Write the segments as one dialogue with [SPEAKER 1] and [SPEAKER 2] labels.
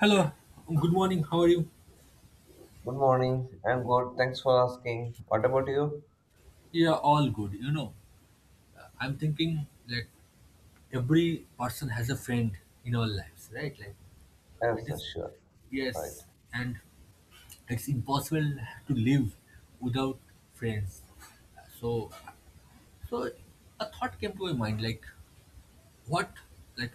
[SPEAKER 1] Hello, good morning. How are you?
[SPEAKER 2] Good morning. I'm good. Thanks for asking. What about you?
[SPEAKER 1] Yeah, all good. I'm thinking, like, every person has a friend in our lives, right? Like
[SPEAKER 2] Yes,
[SPEAKER 1] it
[SPEAKER 2] sir,
[SPEAKER 1] is,
[SPEAKER 2] sure. Right.
[SPEAKER 1] yes, and it's impossible to live without friends. So, so, a thought came to my mind, like what, like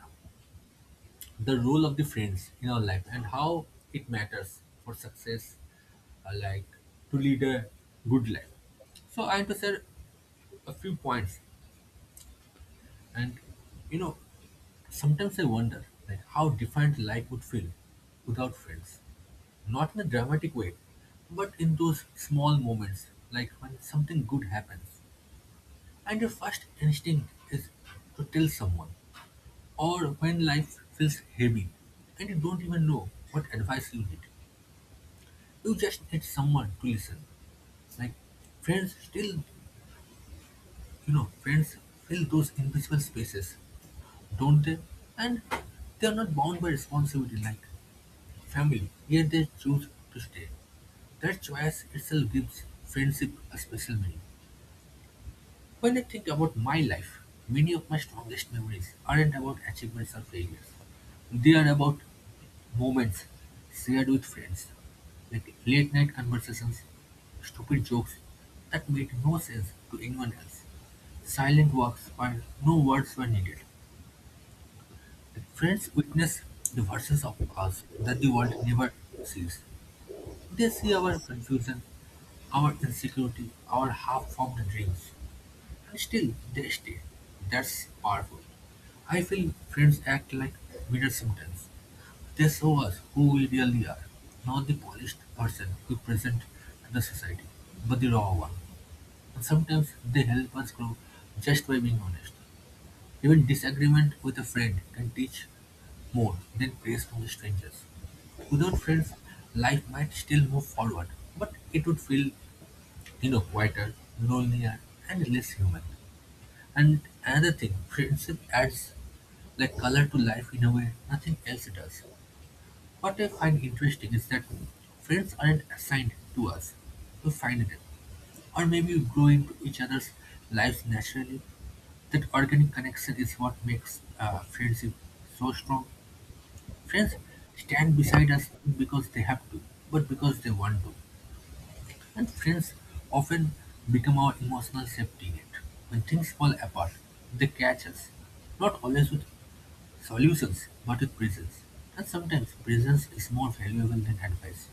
[SPEAKER 1] the role of the friends in our life and how it matters for success, like to lead a good life. So I have to share a few points, and you know, sometimes I wonder like how different life would feel without friends. Not in a dramatic way, but in those small moments, like when something good happens, and your first instinct is to tell someone, or when life feels heavy and you don't even know what advice you need. You just need someone to listen. Like friends still, friends fill those invisible spaces, don't they? And they are not bound by responsibility like family, yet they choose to stay. That choice itself gives friendship a special meaning. When I think about my life, many of my strongest memories aren't about achievements or failures. They are about moments shared with friends, like late night conversations, stupid jokes that made no sense to anyone else, silent walks where no words were needed. Like friends witness the versions of us that the world never sees. They see our confusion, our insecurity, our half-formed dreams. And still they stay. That's powerful. I feel friends act like mirrors sometimes. They show us who we really are, not the polished person we present to the society, but the raw one. And sometimes they help us grow just by being honest. Even disagreement with a friend can teach more than praise from strangers. Without friends, life might still move forward, but it would feel, quieter, lonelier, and less human. And another thing, friendship adds like color to life in a way nothing else does. What I find interesting is that friends aren't assigned to us. We find them. Or maybe we grow into each other's lives naturally. That organic connection is what makes friendship so strong. Friends stand beside us not because they have to, but because they want to. And friends often become our emotional safety net. When things fall apart, they catch us, not always with solutions, but with presence. And sometimes presence is more valuable than advice.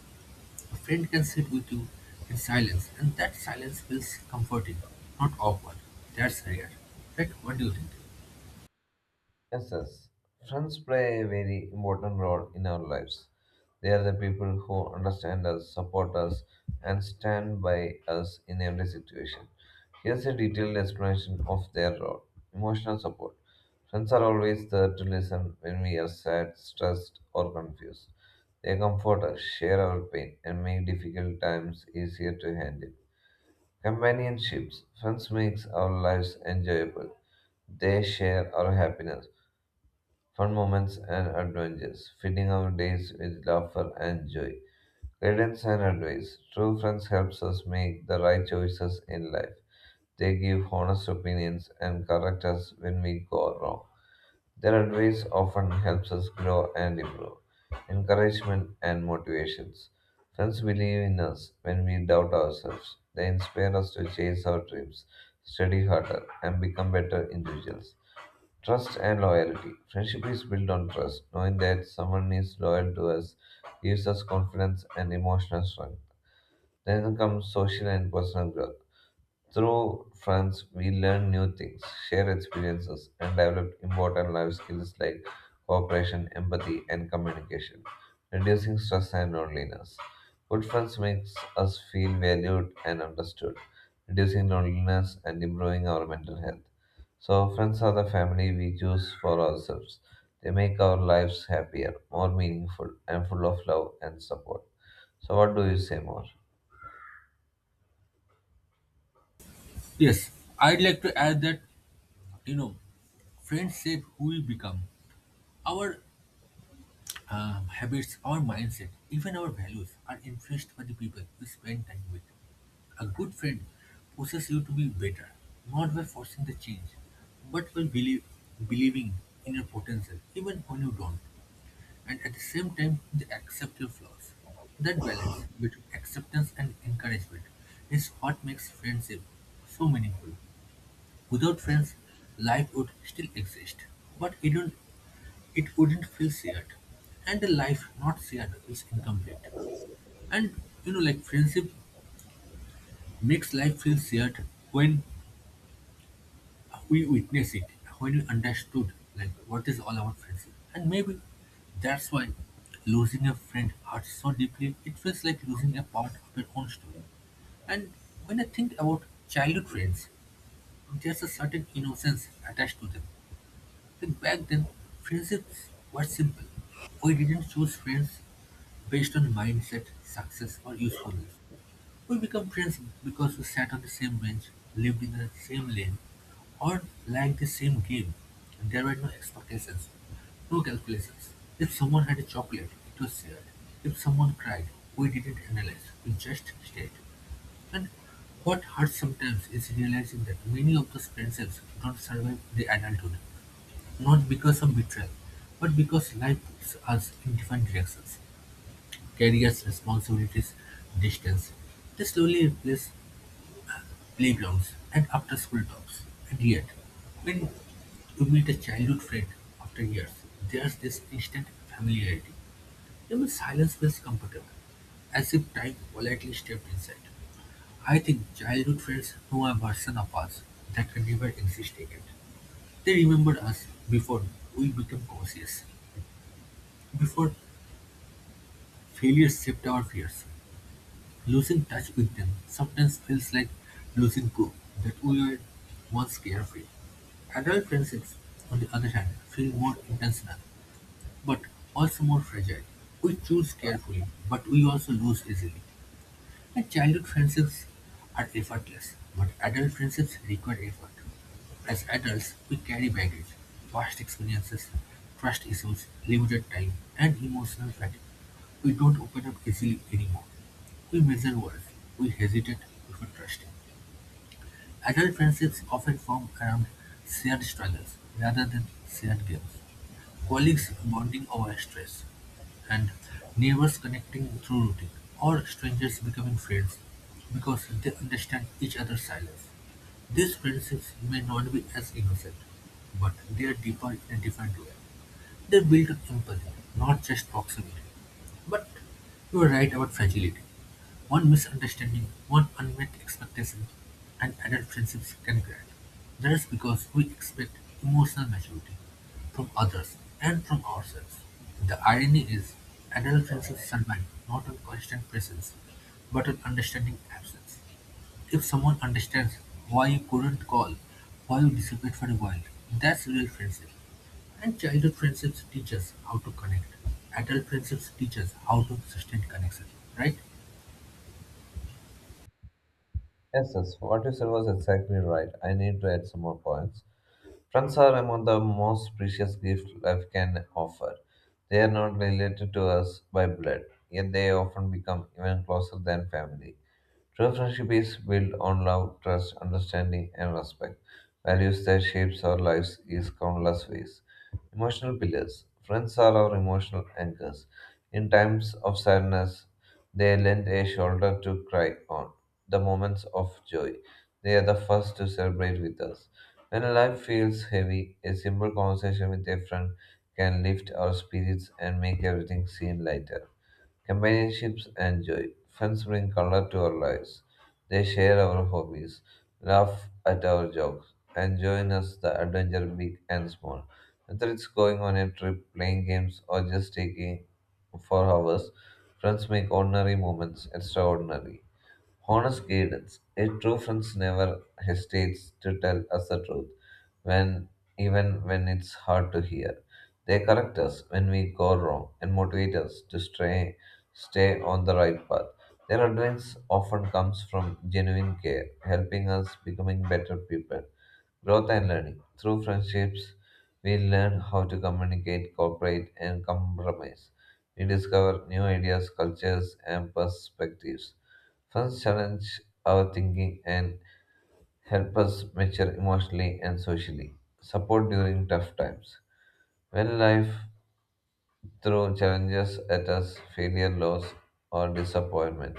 [SPEAKER 1] A friend can sit with you in silence, and that silence feels comforting, not awkward. That's rare. Right? What do you think?
[SPEAKER 2] Yes, yes. Friends play a very important role in our lives. They are the people who understand us, support us, and stand by us in every situation. Here's a detailed explanation of their role. Emotional support. Friends are always there to listen when we are sad, stressed, or confused. They comfort us, share our pain, and make difficult times easier to handle. Companionships. Friends makes our lives enjoyable. They share our happiness, fun moments and adventures, filling our days with laughter and joy. Guidance and advice. True friends helps us make the right choices in life. They give honest opinions and correct us when we go wrong. Their advice often helps us grow and improve. Encouragement and motivations. Friends believe in us when we doubt ourselves. They inspire us to chase our dreams, study harder, and become better individuals. Trust and loyalty. Friendship is built on trust. Knowing that someone is loyal to us gives us confidence and emotional strength. Then comes social and personal growth. Through friends, we learn new things, share experiences, and develop important life skills like cooperation, empathy, and communication, reducing stress and loneliness. Good friends makes us feel valued and understood, reducing loneliness and improving our mental health. So, friends are the family we choose for ourselves. They make our lives happier, more meaningful, and full of love and support. So, what do you say more?
[SPEAKER 1] Yes, I'd like to add that, you know, friends shape who we become. Our habits, our mindset, even our values are influenced by the people we spend time with. A good friend pushes you to be better, not by forcing the change, but by believing in your potential, even when you don't, and at the same time, they accept your flaws. That balance between acceptance and encouragement is what makes friendship so meaningful. Without friends, life would still exist, but it wouldn't feel shared. And a life not shared is incomplete. And like friendship makes life feel shared when we witness it, when we understood like what is all about friendship. And maybe that's why losing a friend hurts so deeply. It feels like losing a part of your own story. And when I think about childhood friends, there's a certain innocence attached to them. Like back then, friendships were simple. We didn't choose friends based on mindset, success, or usefulness. We become friends because we sat on the same bench, lived in the same lane, or liked the same game. And there were no expectations, no calculations. If someone had a chocolate, it was shared. If someone cried, we didn't analyze, we just stayed. And what hurts sometimes is realizing that many of those friendships don't survive the adulthood. Not because of betrayal, but because life pulls us in different directions. Careers, responsibilities, distance. They slowly replace playgrounds and after school talks. And yet, when you meet a childhood friend after years, there's this instant familiarity. Even silence feels comfortable, as if time politely stepped inside. I think childhood friends know a version of us that can never exist again. They remember us before we became conscious, before failure shaped our fears; losing touch with them sometimes feels like losing proof that we were once carefree. Adult friendships, on the other hand, feel more intentional, but also more fragile. We choose carefully, but we also lose easily. And childhood friendships are effortless, but adult friendships require effort. As adults, we carry baggage, past experiences, trust issues, limited time, and emotional fatigue. We don't open up easily anymore. We measure worth. We hesitate before trusting. Adult friendships often form around shared struggles rather than shared games, colleagues bonding over stress, and neighbors connecting through routine, or strangers becoming friends because they understand each other's silence. These friendships may not be as innocent, but they are deeper in a different way. They build up empathy, not just proximity. But you are right about fragility. One misunderstanding, one unmet expectation, and adult friendships can crack. That is because we expect emotional maturity from others and from ourselves. The irony is, adult friendships survive not on constant presence, but on understanding absence. If someone understands why you couldn't call, why you disappeared for a while, that's real friendship. And childhood friendships teach us how to connect. Adult friendships teach us how to sustain connection, right?
[SPEAKER 2] Yes, yes, what you said was exactly right. I need to add some more points. Friends are among the most precious gift life can offer. They are not related to us by blood, yet they often become even closer than family. True friendship is built on love, trust, understanding, and respect. Values that shapes our lives is countless ways. Emotional pillars. Friends are our emotional anchors. In times of sadness, they lend a shoulder to cry on. The moments of joy, they are the first to celebrate with us. When life feels heavy, a simple conversation with a friend can lift our spirits and make everything seem lighter. Companionships and joy. Friends bring color to our lives. They share our hobbies, laugh at our jokes, and join us the adventure big and small. Whether it's going on a trip, playing games, or just taking for hours, friends make ordinary moments extraordinary. Honest guidance. A true friend never hesitates to tell us the truth, when even when it's hard to hear. They correct us when we go wrong and motivate us to stay on the right path. Their advice often comes from genuine care, helping us becoming better people. Growth and learning. Through friendships, we learn how to communicate, cooperate, and compromise. We discover new ideas, cultures, and perspectives. Friends challenge our thinking and help us mature emotionally and socially. Support during tough times. When life throws challenges at us, failure, loss, or disappointment,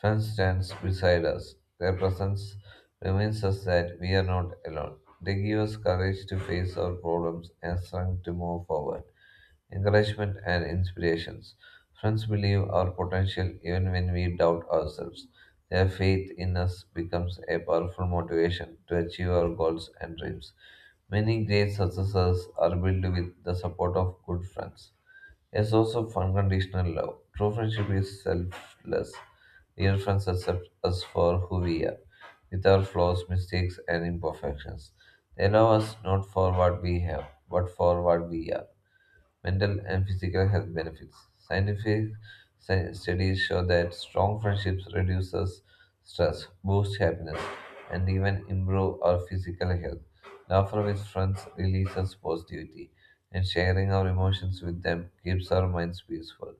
[SPEAKER 2] friends stands beside us. Their presence reminds us that we are not alone. They give us courage to face our problems and strength to move forward encouragement and inspirations. Friends believe our potential even when we doubt ourselves. Their faith in us becomes a powerful motivation to achieve our goals and dreams. Many great successes are built with the support of good friends. A source of unconditional love. True friendship is selfless. Real friends accept us for who we are, with our flaws, mistakes, and imperfections. They love us not for what we have, but for what we are mental and physical health benefits. Scientific studies show that strong friendships reduces stress, boost happiness, and even improve our physical health. Laughter with friends releases positivity, and sharing our emotions with them keeps our minds peaceful.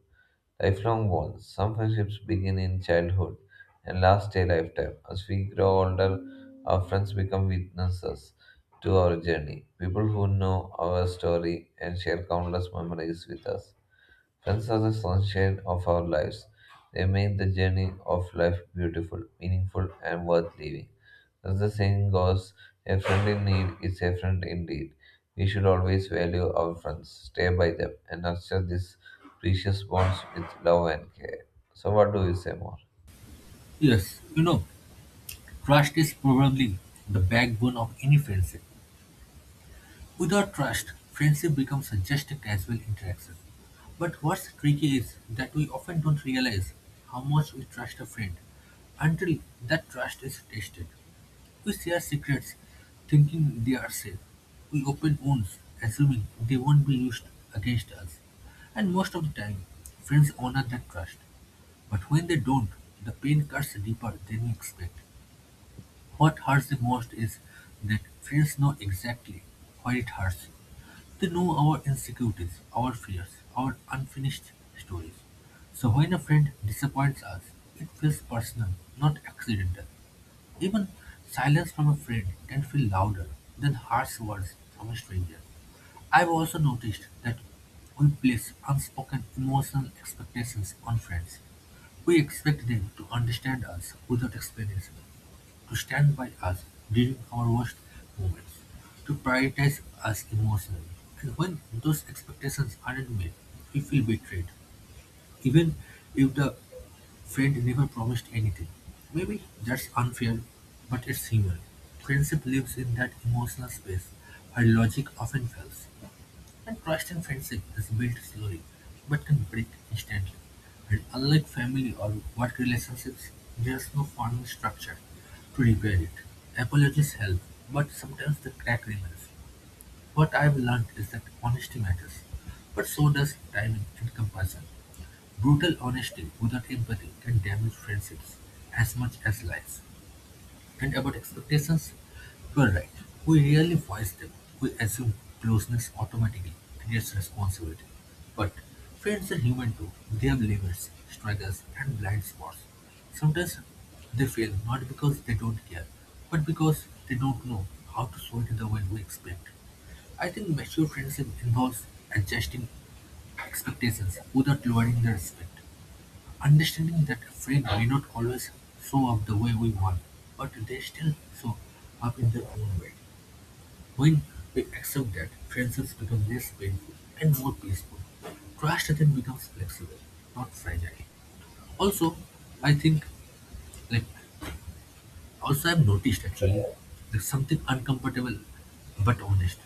[SPEAKER 2] Lifelong bonds. Some friendships begin in childhood and last a lifetime. As we grow older, our friends become witnesses to our journey. People who know our story and share countless memories with us. Friends are the sunshine of our lives. They make the journey of life beautiful, meaningful, and worth living. As the saying goes, a friend in need is a friend indeed. We should always value our friends, stay by them, and nurture these precious bonds with love and care. So, what do you say more?
[SPEAKER 1] Yes, trust is probably the backbone of any friendship. Without trust, friendship becomes just a casual interaction. But what's tricky is that we often don't realize how much we trust a friend until that trust is tested. We share secrets, thinking they are safe. We open wounds, assuming they won't be used against us. And most of the time, friends honor that trust. But when they don't, the pain cuts deeper than we expect. What hurts the most is that friends know exactly why it hurts. They know our insecurities, our fears, our unfinished stories. So when a friend disappoints us, it feels personal, not accidental. Even silence from a friend can feel louder than harsh words from a stranger. I've also noticed that we place unspoken emotional expectations on friends. We expect them to understand us without explanation, to stand by us during our worst moments, to prioritize us emotionally. And when those expectations aren't met, we feel betrayed even if the friend never promised anything. Maybe that's unfair, but it's human. Friendship lives in that emotional space where logic often fails. And trust in friendship is built slowly, but can break instantly. And unlike family or work relationships, there's no formal structure to repair it. Apologies help, but sometimes the crack remains. What I've learned is that honesty matters, but so does timing and compassion. Brutal honesty without empathy can damage friendships as much as lies. And about expectations, you are right. We rarely voice them. We assume closeness automatically creates responsibility. But friends are human too. They have limits, struggles, and blind spots. Sometimes they fail not because they don't care, but because they don't know how to show it the way we expect. I think mature friendship involves adjusting expectations without lowering the respect. Understanding that a friend may not always show up the way we want, but they still show up in their own way. When we accept that, friendships become less painful and more peaceful. Trust then becomes flexible, not fragile. Also, I think, like, also I've noticed actually, there's something uncomfortable but honest.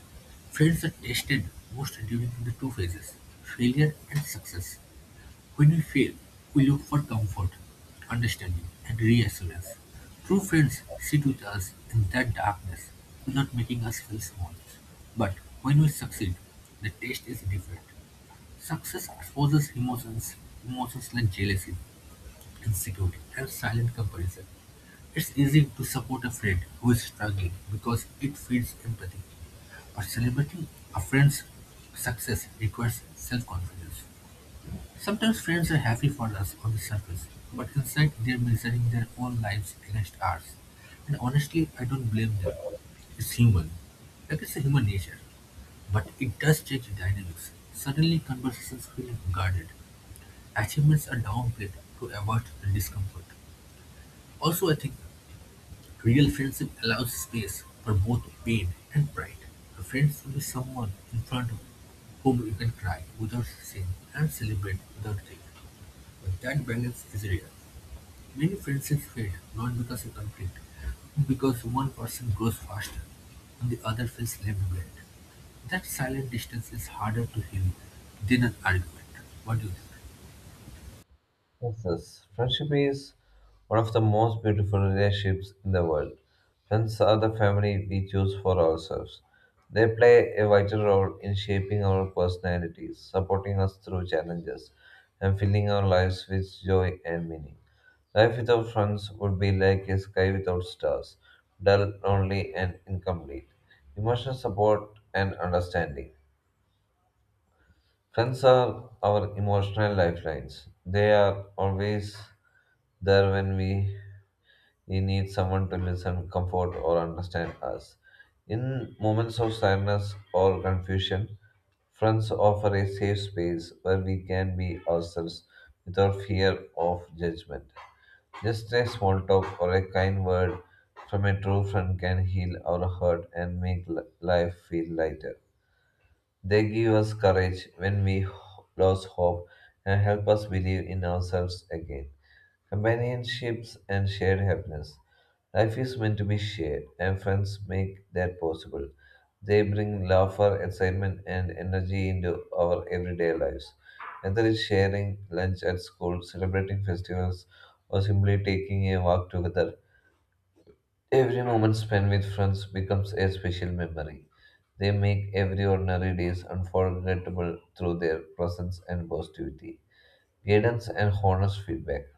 [SPEAKER 1] Friends are tested most during the two phases: failure and success. When we fail, we look for comfort, understanding, and reassurance. True friends sit with us in that darkness without making us feel small. But when we succeed, the taste is different. Success exposes emotions like jealousy, insecurity, and silent comparison. It's easy to support a friend who is struggling because it feeds empathy. But celebrating a friend's success requires self confidence. Sometimes friends are happy for us on the surface, but inside they're measuring their own lives against ours. And honestly, I don't blame them. It's human. Like it's a human nature. But it does change the dynamics. Suddenly conversations feel guarded. Achievements are downplayed to avoid the discomfort. Also, I think real friendship allows space for both pain and pride. A friend should be someone in front of whom you can cry without shame and celebrate without guilt. But that balance is real. Many friendships fade not because you conflict, but because one person grows faster and the other feels left behind. That silent distance is harder to heal than an argument. What do you think?
[SPEAKER 2] Yes, yes. Friendship is one of the most beautiful relationships in the world. Friends are the family we choose for ourselves. They play a vital role in shaping our personalities, supporting us through challenges, and filling our lives with joy and meaning. Life without friends would be like a sky without stars, dull, lonely, and incomplete. Emotional support and understanding. Friends are our emotional lifelines. They are always there we need someone to listen, comfort, or understand us. In moments of sadness or confusion, friends offer a safe space where we can be ourselves without fear of judgment. Just a small talk or a kind word from a true friend can heal our hurt and make life feel lighter. They give us courage when we lose hope and help us believe in ourselves again. Companionships and shared happiness. Life is meant to be shared, and friends make that possible. They bring laughter, excitement, and energy into our everyday lives. Whether it's sharing lunch at school, celebrating festivals, or simply taking a walk together, every moment spent with friends becomes a special memory. They make every ordinary days unforgettable through their presence and positivity, guidance and honest feedback.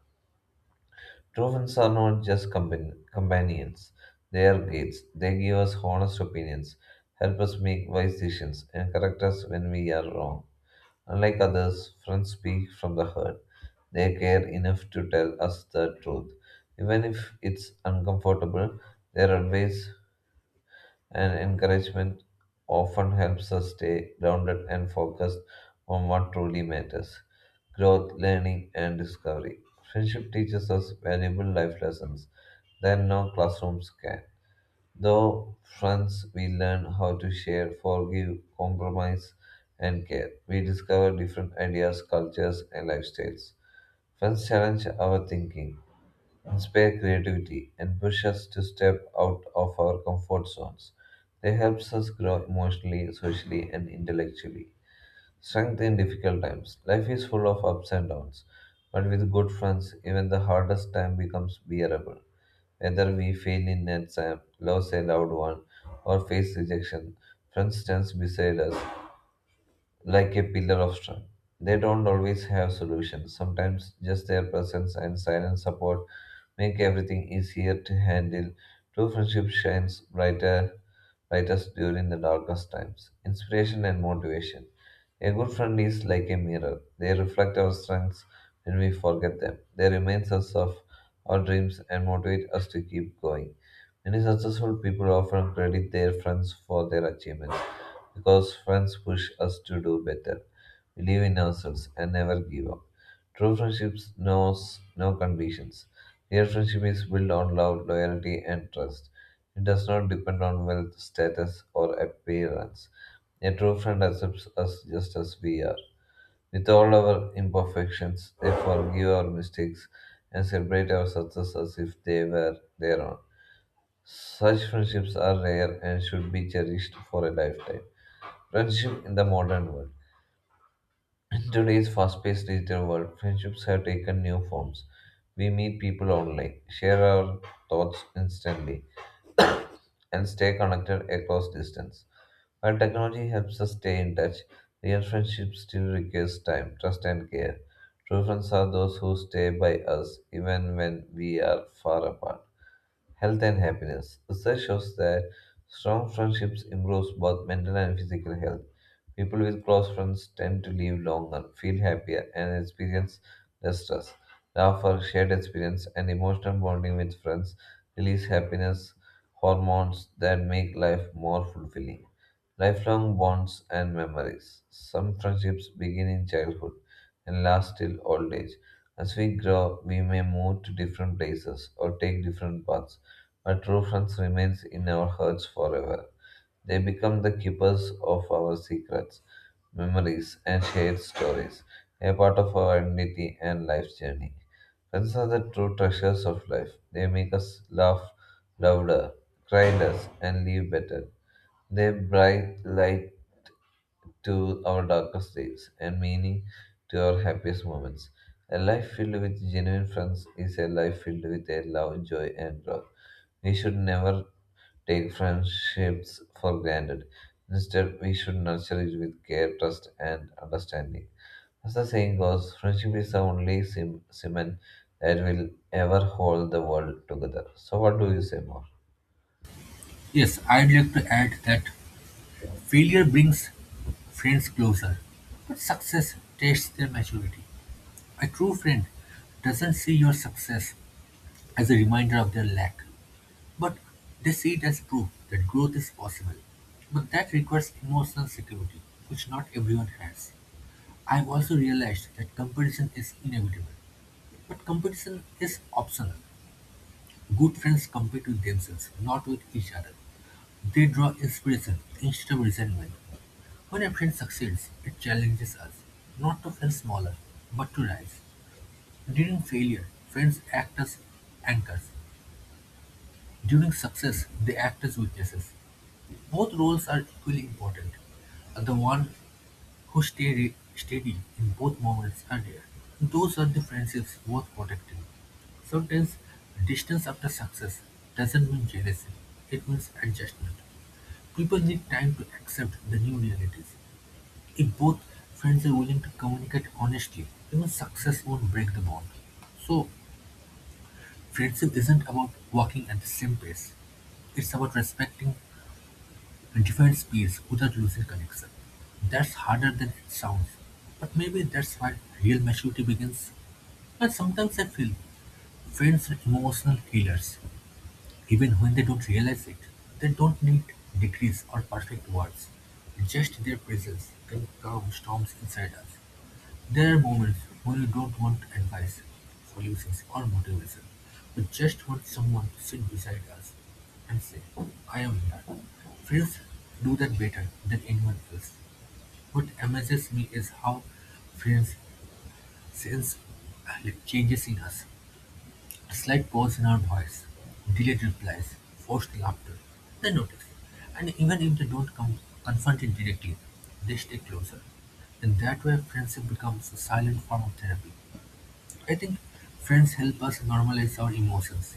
[SPEAKER 2] True friends are not just companions; they are guides. They give us honest opinions, help us make wise decisions, and correct us when we are wrong. Unlike others, friends speak from the heart. They care enough to tell us the truth, even if it's uncomfortable. Their advice and encouragement often helps us stay grounded and focused on what truly matters growth, learning, and discovery. Friendship teaches us valuable life lessons that no classrooms can. Though friends, we learn how to share, forgive, compromise, and care. We discover different ideas, cultures, and lifestyles. Friends challenge our thinking, inspire creativity, and push us to step out of our comfort zones. They help us grow emotionally, socially, and intellectually. Strength in difficult times. Life is full of ups and downs, but with good friends, even the hardest time becomes bearable. Whether we fail in an exam, lose a loved one, or face rejection, friends stand beside us, like a pillar of strength. They don't always have solutions. Sometimes just their presence and silent support make everything easier to handle. True friendship shines brightest during the darkest times. Inspiration and motivation. A good friend is like a mirror. They reflect our strengths when we forget them. They remind us of our dreams and motivate us to keep going. Many successful people often credit their friends for their achievements because friends push us to do better, believe in ourselves, and never give up. True friendships knows no conditions. Real friendship is built on love, loyalty, and trust. It does not depend on wealth, status, or appearance. A true friend accepts us just as we are, with all our imperfections. They forgive our mistakes and celebrate our success as if they were their own. Such friendships are rare and should be cherished for a lifetime. Friendship in the modern world. In today's fast paced digital world, friendships have taken new forms. We meet people online, share our thoughts instantly, and stay connected across distance. While technology helps us stay in touch, real friendship still requires time, trust, and care. True friends are those who stay by us even when we are far apart. Health and happiness. Research shows that strong friendships improves both mental and physical health. People with close friends tend to live longer, feel happier, and experience less stress. Laughter, shared experience, and emotional bonding with friends release happiness hormones that make life more fulfilling. Lifelong bonds and memories. Some friendships begin in childhood and last till old age. As we grow, we may move to different places or take different paths, but true friends remains in our hearts forever. They become the keepers of our secrets, memories, and shared stories, a part of our identity and life's journey. Friends are the true treasures of life. They make us laugh louder, cry less, and live better. They bright light to our darkest days and meaning to our happiest moments. A life filled with genuine friends is a life filled with a love, joy, and growth. We should never take friendships for granted. Instead, we should nurture it with care, trust, and understanding. As the saying goes, friendship is the only cement that will ever hold the world together. So, what do you say more?
[SPEAKER 1] Yes, I'd like to add that failure brings friends closer, but success tests their maturity. A true friend doesn't see your success as a reminder of their lack, but they see it as proof that growth is possible. But that requires emotional security, which not everyone has. I've also realized that competition is inevitable, but competition is optional. Good friends compete with themselves, not with each other. They draw inspiration instead of resentment. When a friend succeeds, it challenges us not to feel smaller, but to rise. During failure, friends act as anchors. During success, they act as witnesses. Both roles are equally important; the ones who stay steady in both moments are rare. Those are the friendships worth protecting. Sometimes, distance after success doesn't mean jealousy, it means adjustment. People need time to accept the new realities. If both friends are willing to communicate honestly, even success won't break the bond. So, friendship isn't about walking at the same pace, it's about respecting different speeds without losing connection. That's harder than it sounds, but maybe that's where real maturity begins. And sometimes I feel friends are emotional healers. Even when they don't realize it, they don't need degrees or perfect words. Just their presence can calm storms inside us. There are moments when you don't want advice, solutions, or motivation. We just want someone to sit beside us and say, I am here. Friends do that better than anyone else. What amazes me is how friends sense changes in us. A slight pause in our voice, delayed replies, forced laughter. They notice. And even if they don't come confront it directly, they stay closer. In that way, friendship becomes a silent form of therapy. I think friends help us normalize our emotions.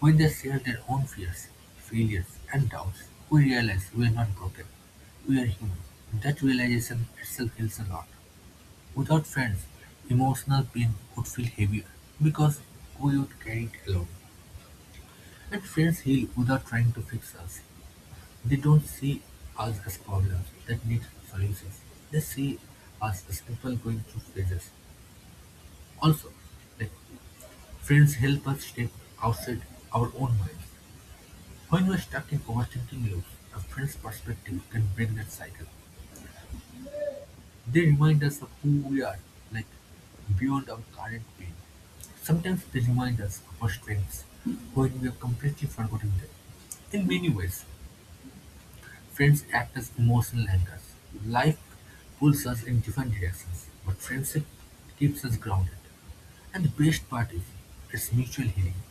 [SPEAKER 1] When they share their own fears, failures, and doubts, we realize we are not broken. We are human. That realization itself heals a lot. Without friends, emotional pain would feel heavier because we would carry it alone. And friends heal without trying to fix us. They don't see us as problems that need solutions. They see us as people going through phases. Also, like friends help us step outside our own minds. When we're stuck in overthinking loops, a friend's perspective can break that cycle. They remind us of who we are, like beyond our current pain. Sometimes they remind us of our strengths when we have completely forgotten them. In many ways, friends act as emotional anchors; life pulls us in different directions, but friendship keeps us grounded. And the best part is, it's mutual healing.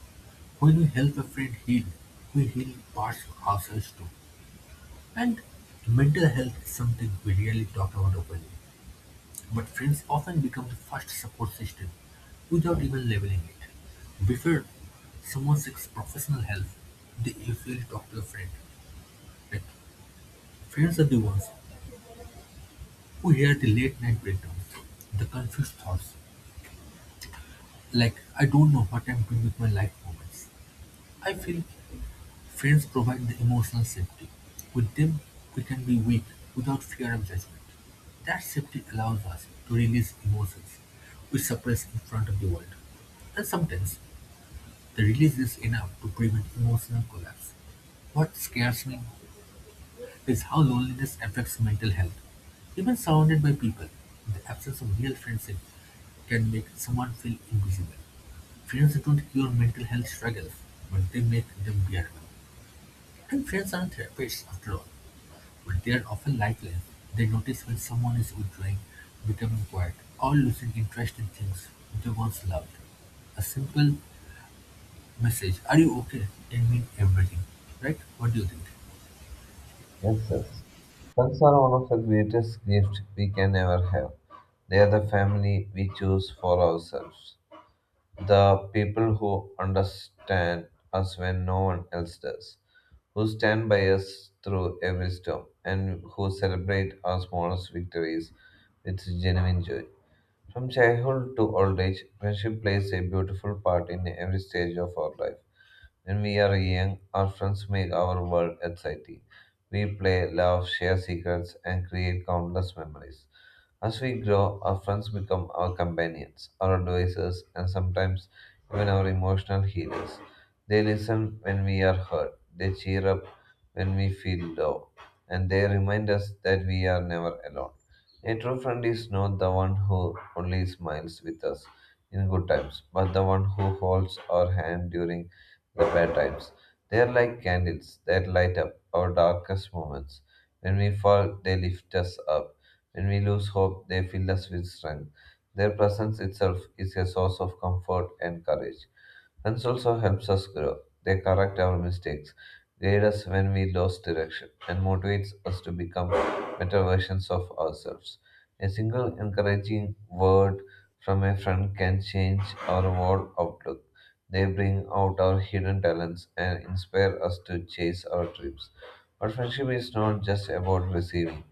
[SPEAKER 1] When we help a friend heal, we heal parts of ourselves too. And mental health is something we rarely talk about openly, but friends often become the first support system without even labeling it. Before someone seeks professional help, they usually talk to a friend. Like, Friends are the ones we hear the late-night breakdowns, the confused thoughts, like "I don't know what I'm doing with my life" moments. I feel friends provide the emotional safety. With them, we can be weak without fear of judgment. That safety allows us to release emotions we suppress in front of the world. And sometimes, the release is enough to prevent emotional collapse. What scares me is how loneliness affects mental health. Even surrounded by people, the absence of real friendship can make someone feel invisible. Friends don't cure mental health struggles, but they make them bearable. And friends aren't therapists after all, but they are often lifelines. They notice when someone is withdrawing, becoming quiet, or losing interest in things they once loved. A simple message, are you okay, can mean everything. Right? What do you think?
[SPEAKER 2] Yes, yes. Pets are one of the greatest gifts we can ever have. They are the family we choose for ourselves, the people who understand us when no one else does, who stand by us through every storm, and who celebrate our smallest victories with genuine joy. From childhood to old age, friendship plays a beautiful part in every stage of our life. When we are young, our friends make our world exciting. We play, laugh, share secrets, and create countless memories. As we grow, our friends become our companions, our advisors, and sometimes even our emotional healers. They listen when we are hurt, they cheer up when we feel low, and they remind us that we are never alone. A true friend is not the one who only smiles with us in good times, but the one who holds our hand during the bad times. They are like candles that light up our darkest moments. When we fall, they lift us up. When we lose hope, they fill us with strength. Their presence itself is a source of comfort and courage. Friends also helps us grow. They correct our mistakes, guide us when we lose direction, and motivates us to become better versions of ourselves. A single encouraging word from a friend can change our whole outlook. They bring out our hidden talents and inspire us to chase our dreams. But friendship is not just about receiving.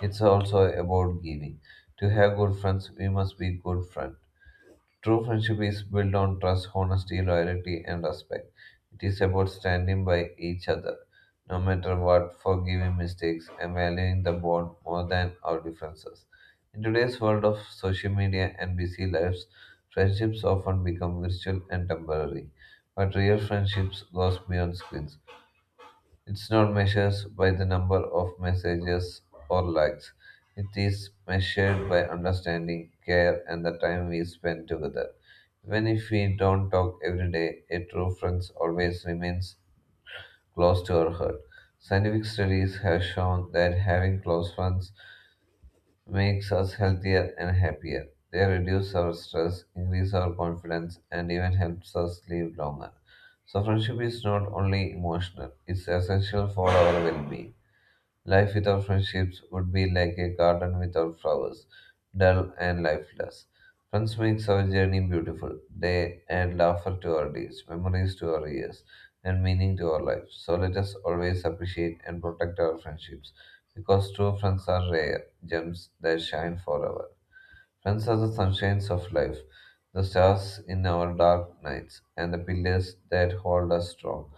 [SPEAKER 2] It's also about giving. To have good friends, we must be good friends. True friendship is built on trust, honesty, loyalty, and respect. It is about standing by each other, no matter what, forgiving mistakes, and valuing the bond more than our differences. In today's world of social media and busy lives, friendships often become virtual and temporary, but real friendships goes beyond screens. It's not measured by the number of messages or likes. It is measured by understanding, care, and the time we spend together. Even if we don't talk every day, a true friend always remains close to our heart. Scientific studies have shown that having close friends makes us healthier and happier. They reduce our stress, increase our confidence, and even helps us live longer. So friendship is not only emotional, it's essential for our well-being. Life without friendships would be like a garden without flowers, dull and lifeless. Friends makes our journey beautiful. They add laughter to our days, memories to our years, and meaning to our lives. So let us always appreciate and protect our friendships, because true friends are rare gems that shine forever. Friends are the sunshines of life, the stars in our dark nights, and the pillars that hold us strong.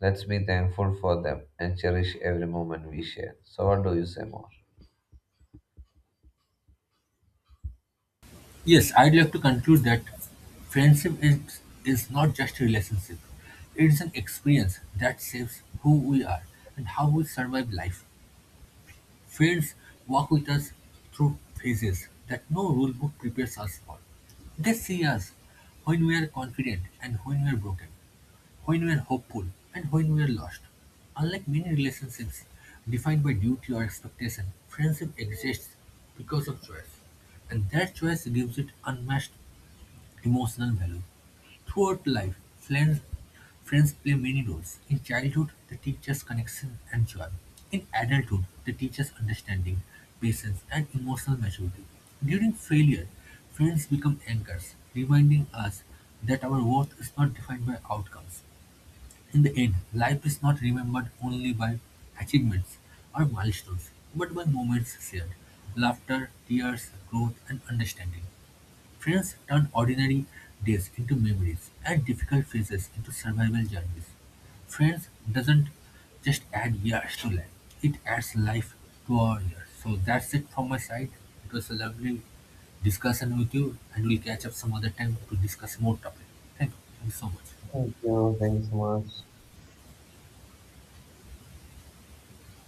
[SPEAKER 2] Let's be thankful for them and cherish every moment we share. So, what do you say more?
[SPEAKER 1] Yes, I'd like to conclude that friendship is not just a relationship. It's an experience that shapes who we are and how we survive life. Friends walk with us through phases that no rule book prepares us for. They see us when we are confident and when we are broken, when we are hopeful and when we are lost. Unlike many relationships defined by duty or expectation, friendship exists because of choice, and that choice gives it unmatched emotional value. Throughout life, friends play many roles. In childhood, they teach us connection and joy. In adulthood, they teach us understanding, patience, and emotional maturity. During failure, friends become anchors, reminding us that our worth is not defined by outcomes. In the end, life is not remembered only by achievements or milestones, but by moments shared, laughter, tears, growth, and understanding. Friends turn ordinary days into memories and difficult phases into survival journeys. Friends doesn't just add years to life, it adds life to our years. So that's it from my side. It was a lovely discussion with you, and we'll catch up some other time to discuss more topic. Thank you. Thank you so much.
[SPEAKER 2] Thank you. Thanks so much.